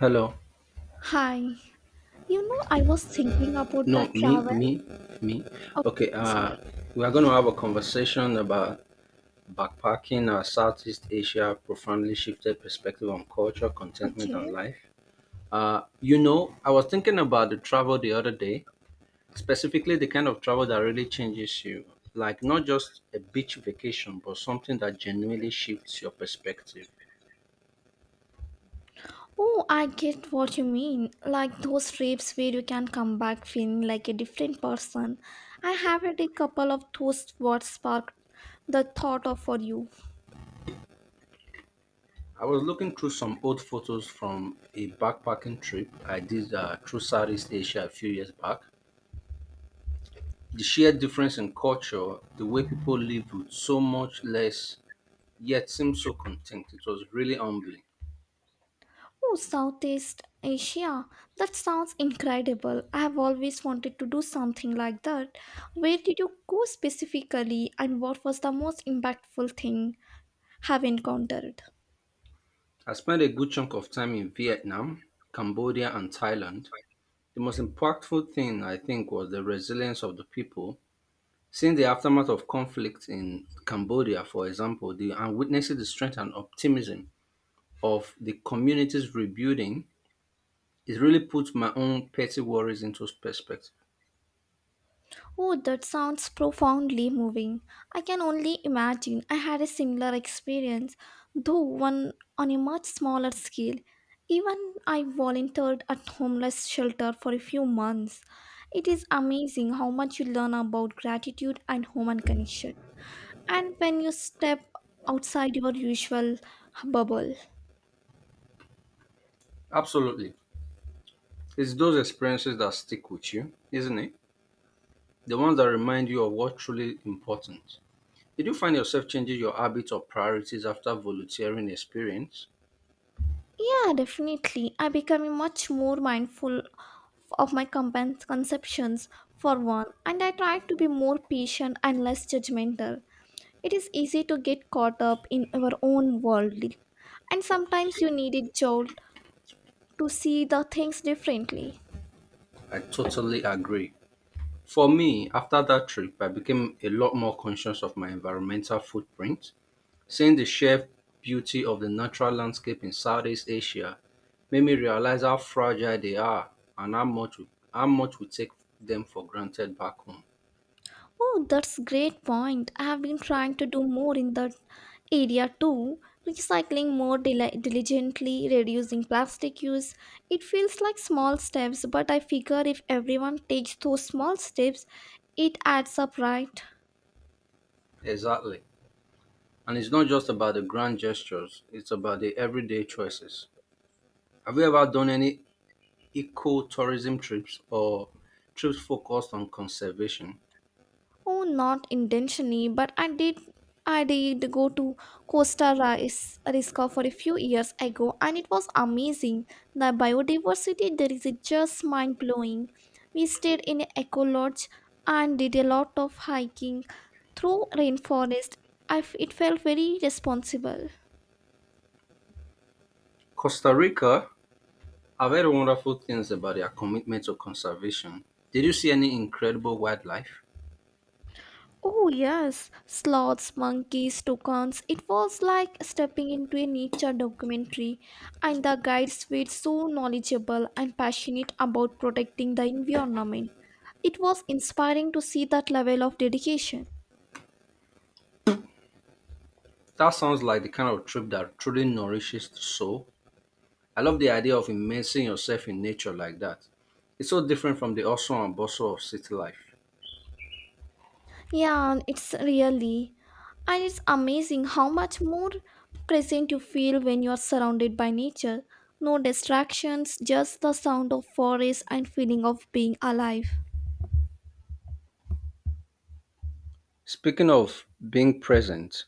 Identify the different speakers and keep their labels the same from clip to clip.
Speaker 1: Hello.
Speaker 2: Hi. You know, I was thinking about
Speaker 1: No,
Speaker 2: the
Speaker 1: me,
Speaker 2: travel.
Speaker 1: me, me.
Speaker 2: Oh,
Speaker 1: Okay,
Speaker 2: sorry.
Speaker 1: we are going to have a conversation about backpacking, Southeast Asia profoundly shifted perspective on culture, contentment,
Speaker 2: Okay.
Speaker 1: and life. You know, I was thinking about the travel the other day, specifically the kind of travel that really changes you, like not just a beach vacation, but something that genuinely shifts your perspective.
Speaker 2: Oh, I get what you mean, like those trips where you can come back feeling like a different person. I have had a couple of those. What sparked the thought of for you?
Speaker 1: I was looking through some old photos from a backpacking trip I did through Southeast Asia a few years back. The sheer difference in culture, the way people lived with so much less yet seemed so content, it was really humbling.
Speaker 2: Oh, Southeast Asia. That sounds incredible. I have always wanted to do something like that. Where did you go specifically, and what was the most impactful thing have encountered?
Speaker 1: I spent a good chunk of time in Vietnam, Cambodia, and Thailand. The most impactful thing, I think, was the resilience of the people. Seeing the aftermath of conflict in Cambodia, for example, and witnessing the strength and optimism of the communities rebuilding, it really puts my own petty worries into perspective.
Speaker 2: Oh, that sounds profoundly moving. I can only imagine. I had a similar experience, though one on a much smaller scale. Even I volunteered at homeless shelter for a few months. It is amazing how much you learn about gratitude and human connection. And when you step outside your usual bubble.
Speaker 1: Absolutely. It's those experiences that stick with you, isn't it? The ones that remind you of what's truly important. Did you find yourself changing your habits or priorities after volunteering experience?
Speaker 2: Yeah, definitely. I become much more mindful of my conceptions for one, and I try to be more patient and less judgmental. It is easy to get caught up in our own world, and sometimes you need a jolt to see the things differently.
Speaker 1: I totally agree. For me, after that trip, I became a lot more conscious of my environmental footprint. Seeing the sheer beauty of the natural landscape in Southeast Asia made me realize how fragile they are and how much we take them for granted back home.
Speaker 2: Oh, that's great point. I have been trying to do more in that area too, recycling more diligently, reducing plastic use. It feels like small steps, but I figure if everyone takes those small steps, it adds up, right?
Speaker 1: Exactly. And it's not just about the grand gestures, it's about the everyday choices. Have you ever done any eco-tourism trips or trips focused on conservation?
Speaker 2: Oh, not intentionally, but I did. I did go to Rica for a few years ago, and it was amazing. The biodiversity there is just mind blowing. We stayed in an eco lodge and did a lot of hiking through rainforest. It felt very responsible.
Speaker 1: Costa Rica, I've heard wonderful things about their commitment to conservation. Did you see any incredible wildlife?
Speaker 2: Oh, yes, sloths, monkeys, toucans. It was like stepping into a nature documentary, and the guides were so knowledgeable and passionate about protecting the environment. It was inspiring to see that level of dedication.
Speaker 1: That sounds like the kind of trip that truly nourishes the soul. I love the idea of immersing yourself in nature like that. It's so different from the hustle and bustle of city life.
Speaker 2: Yeah, it's really, and it's amazing how much more present you feel when you are surrounded by nature. No distractions, just the sound of forest and feeling of being alive.
Speaker 1: Speaking of being present,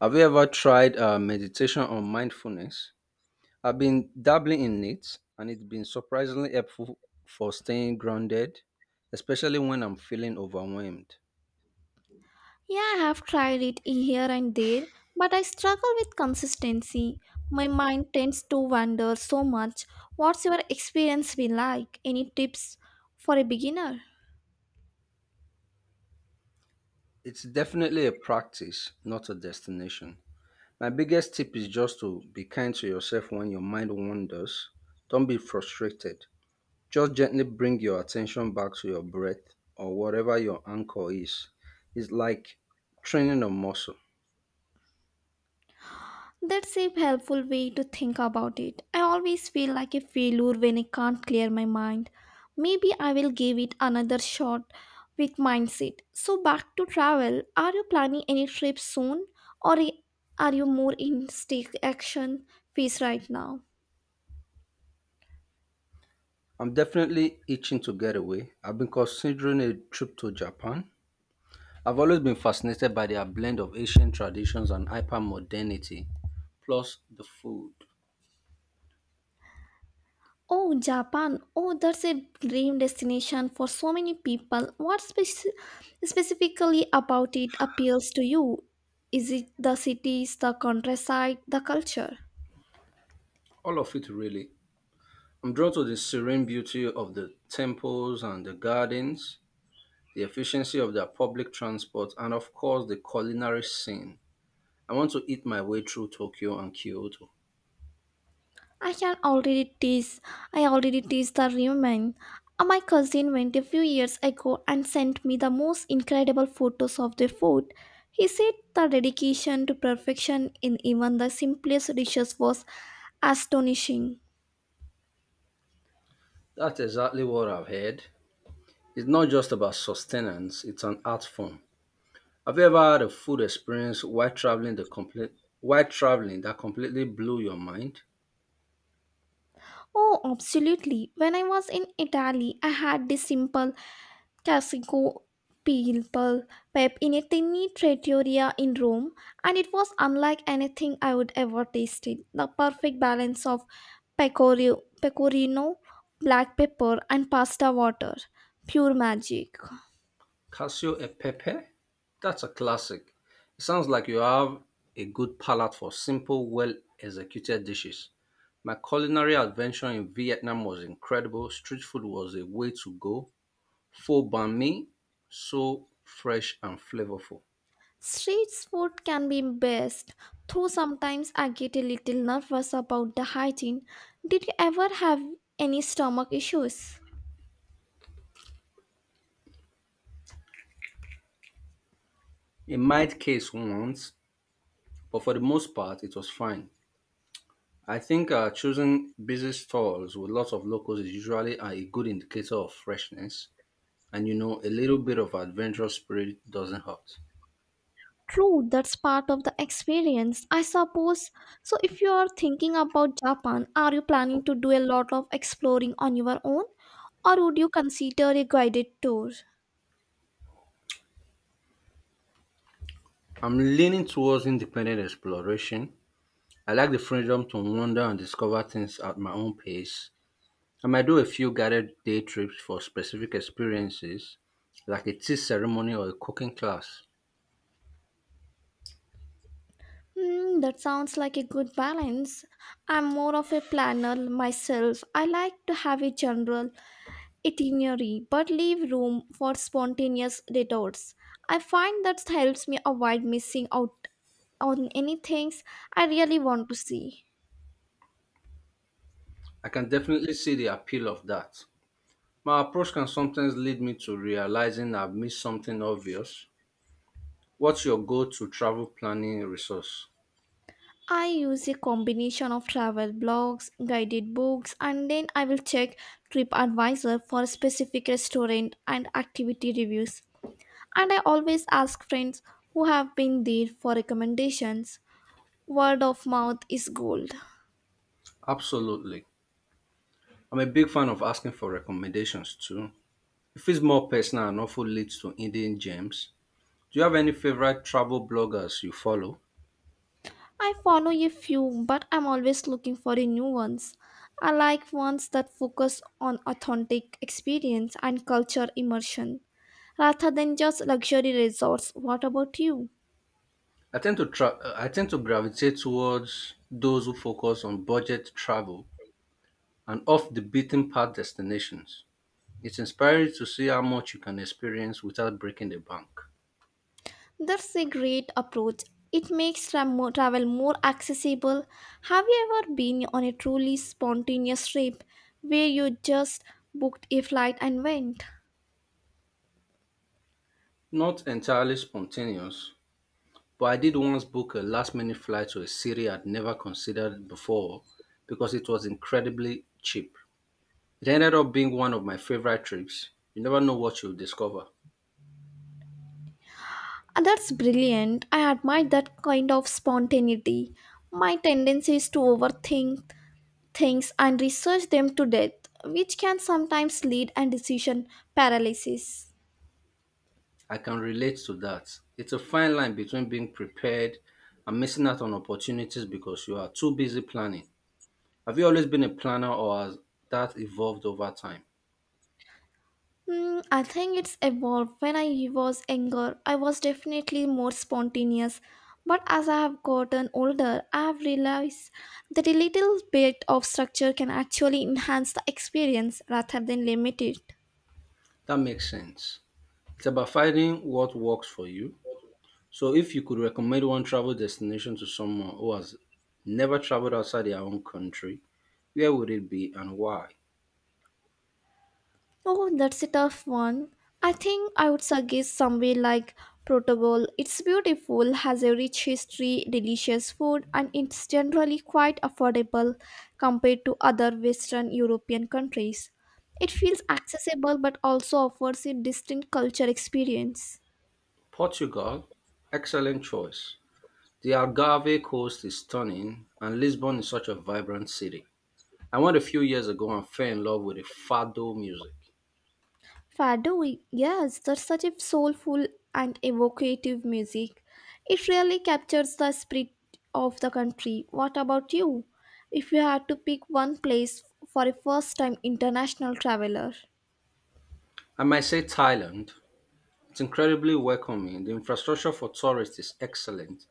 Speaker 1: have you ever tried meditation or mindfulness? I've been dabbling in it and it's been surprisingly helpful for staying grounded, especially when I'm feeling overwhelmed.
Speaker 2: Yeah, I have tried it here and there, but I struggle with consistency. My mind tends to wander so much. What's your experience be like? Any tips for a beginner?
Speaker 1: It's definitely a practice, not a destination. My biggest tip is just to be kind to yourself when your mind wanders. Don't be frustrated. Just gently bring your attention back to your breath or whatever your anchor is. It's like training a muscle.
Speaker 2: That's a helpful way to think about it. I always feel like a failure when I can't clear my mind. Maybe I will give it another shot with mindset. So back to travel. Are you planning any trips soon, or are you more in stake action phase right now?
Speaker 1: I'm definitely itching to get away. I've been considering a trip to Japan. I've always been fascinated by their blend of ancient traditions and hyper modernity, plus the food.
Speaker 2: Oh, Japan. Oh, that's a dream destination for so many people. What specifically about it appeals to you? Is it the cities, the countryside, the culture?
Speaker 1: All of it, really. I'm drawn to the serene beauty of the temples and the gardens, the efficiency of their public transport, and of course, the culinary scene. I want to eat my way through Tokyo and Kyoto.
Speaker 2: I can already tease. I already tease the ramen. My cousin went a few years ago and sent me the most incredible photos of the food. He said the dedication to perfection in even the simplest dishes was astonishing.
Speaker 1: That's exactly what I've heard. It's not just about sustenance, it's an art form. Have you ever had a food experience while traveling that completely blew your mind?
Speaker 2: Oh, absolutely. When I was in Italy, I had this simple classico people pep in a tiny trattoria in Rome, and it was unlike anything I would ever tasted. The perfect balance of pecorino, black pepper, and pasta water. Pure magic.
Speaker 1: Casio e Pepe? That's a classic. It sounds like you have a good palate for simple, well executed dishes. My culinary adventure in Vietnam was incredible. Street food was a way to go. Pho banh mi, so fresh and flavorful.
Speaker 2: Street food can be best, though sometimes I get a little nervous about the hygiene. Did you ever have any stomach issues?
Speaker 1: It might case once, but for the most part, it was fine. I think choosing busy stalls with lots of locals is usually a good indicator of freshness, and you know, a little bit of adventurous spirit doesn't hurt.
Speaker 2: True, that's part of the experience, I suppose. So, if you are thinking about Japan, are you planning to do a lot of exploring on your own, or would you consider a guided tour?
Speaker 1: I'm leaning towards independent exploration. I like the freedom to wander and discover things at my own pace. I might do a few guided day trips for specific experiences, like a tea ceremony or a cooking class.
Speaker 2: Hmm, that sounds like a good balance. I'm more of a planner myself. I like to have a general itinerary but leave room for spontaneous detours. I find that helps me avoid missing out on any things I really want to see.
Speaker 1: I can definitely see the appeal of that. My approach can sometimes lead me to realizing I've missed something obvious. What's your go-to travel planning resource?
Speaker 2: I use a combination of travel blogs, guided books, and then I will check TripAdvisor for specific restaurant and activity reviews. And I always ask friends who have been there for recommendations. Word of mouth is gold.
Speaker 1: Absolutely. I'm a big fan of asking for recommendations too. It feels more personal and often leads to Indian gems. Do you have any favorite travel bloggers you follow?
Speaker 2: I follow a few, but I'm always looking for a new ones. I like ones that focus on authentic experience and culture immersion rather than just luxury resorts. What about you?
Speaker 1: I tend to gravitate towards those who focus on budget travel and off the beaten path destinations. It's inspiring to see how much you can experience without breaking the bank.
Speaker 2: That's a great approach. It makes travel more accessible. Have you ever been on a truly spontaneous trip where you just booked a flight and went?
Speaker 1: Not entirely spontaneous, but I did once book a last minute flight to a city I'd never considered before because it was incredibly cheap. It ended up being one of my favorite trips. You never know what you'll discover.
Speaker 2: Ah, that's brilliant. I admire that kind of spontaneity. My tendency is to overthink things and research them to death, which can sometimes lead and decision paralysis.
Speaker 1: I can relate to that. It's a fine line between being prepared and missing out on opportunities because you are too busy planning. Have you always been a planner or has that evolved over time?
Speaker 2: Hmm, I think it's evolved. When I was younger, I was definitely more spontaneous. But as I have gotten older, I have realized that a little bit of structure can actually enhance the experience rather than limit it.
Speaker 1: That makes sense. It's about finding what works for you. So, if you could recommend one travel destination to someone who has never traveled outside their own country, where would it be and why?
Speaker 2: Oh, that's a tough one. I think I would suggest somewhere like Protobol. It's beautiful, has a rich history, delicious food, and it's generally quite affordable compared to other Western European countries. It feels accessible but also offers a distinct culture experience.
Speaker 1: Portugal, excellent choice. The Algarve coast is stunning, and Lisbon is such a vibrant city. I went a few years ago and fell in love with the fado music.
Speaker 2: Fado, yes, that's such a soulful and evocative music. It really captures the spirit of the country. What about you? If you had to pick one place for a first time international traveler.
Speaker 1: I might say Thailand. It's incredibly welcoming. The infrastructure for tourists is excellent,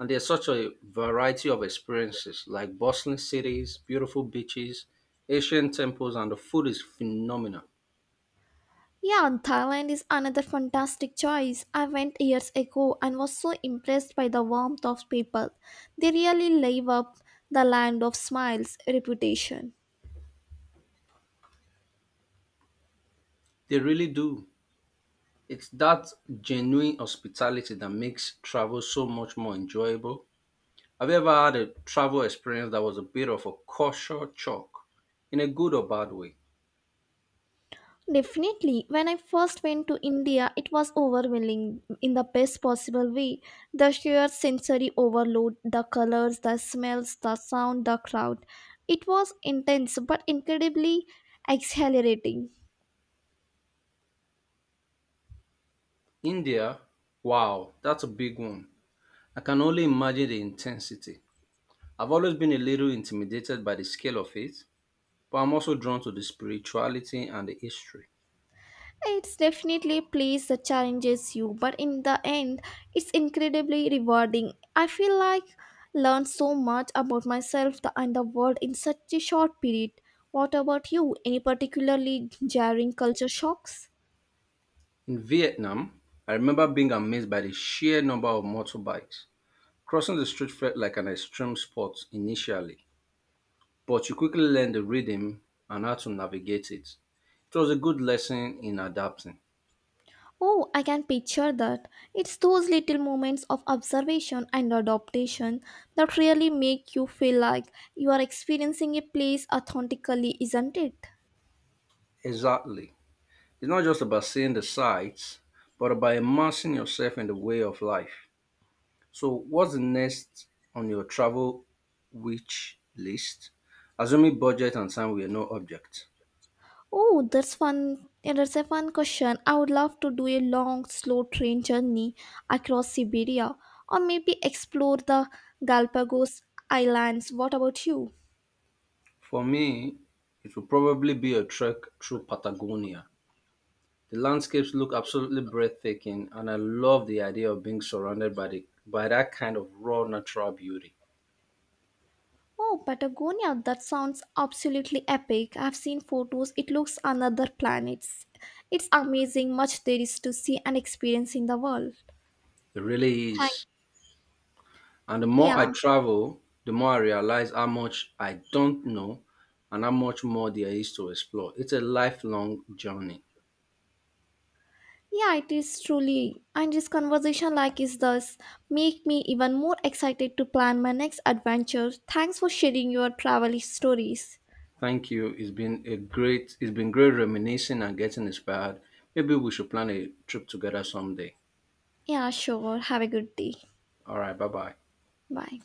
Speaker 1: and there's such a variety of experiences like bustling cities, beautiful beaches, ancient temples, and the food is phenomenal.
Speaker 2: Yeah, and Thailand is another fantastic choice. I went years ago and was so impressed by the warmth of people. They really live up the land of smiles reputation.
Speaker 1: They really do. It's that genuine hospitality that makes travel so much more enjoyable. Have you ever had a travel experience that was a bit of a culture shock in a good or bad way?
Speaker 2: Definitely. When I first went to India, it was overwhelming in the best possible way. The sheer sensory overload, the colors, the smells, the sound, the crowd. It was intense but incredibly exhilarating.
Speaker 1: India, wow, that's a big one. I can only imagine the intensity. I've always been a little intimidated by the scale of it, but I'm also drawn to the spirituality and the history.
Speaker 2: It's definitely a place that challenges you, but in the end, it's incredibly rewarding. I feel like learned so much about myself and the world in such a short period. What about you? Any particularly jarring culture shocks?
Speaker 1: In Vietnam, I remember being amazed by the sheer number of motorbikes. Crossing the street felt like an extreme sport initially, but you quickly learned the rhythm and how to navigate it. It was a good lesson in adapting.
Speaker 2: Oh, I can picture that. It's those little moments of observation and adaptation that really make you feel like you are experiencing a place authentically, isn't it?
Speaker 1: Exactly. It's not just about seeing the sights, but about immersing yourself in the way of life. So, what's the next on your travel wish list? Assuming budget and time were no object.
Speaker 2: Oh, that's fun. Yeah, that's a fun question. I would love to do a long, slow train journey across Siberia or maybe explore the Galapagos Islands. What about you?
Speaker 1: For me, it would probably be a trek through Patagonia. The landscapes look absolutely breathtaking, and I love the idea of being surrounded by, by that kind of raw natural beauty.
Speaker 2: Oh, Patagonia, that sounds absolutely epic. I've seen photos, it looks another planet. It's amazing much there is to see and experience in the world.
Speaker 1: It really
Speaker 2: Thank
Speaker 1: is. And the more I
Speaker 2: yeah.
Speaker 1: travel, the more I realize how much I don't know and how much more there is to explore. It's a lifelong journey.
Speaker 2: Yeah, it is truly. And this conversation like is thus make me even more excited to plan my next adventure. Thanks for sharing your travel stories.
Speaker 1: Thank you. It's been great reminiscing and getting inspired. Maybe we should plan a trip together someday.
Speaker 2: Yeah, sure. Have a good day.
Speaker 1: All right, bye-bye.
Speaker 2: Bye.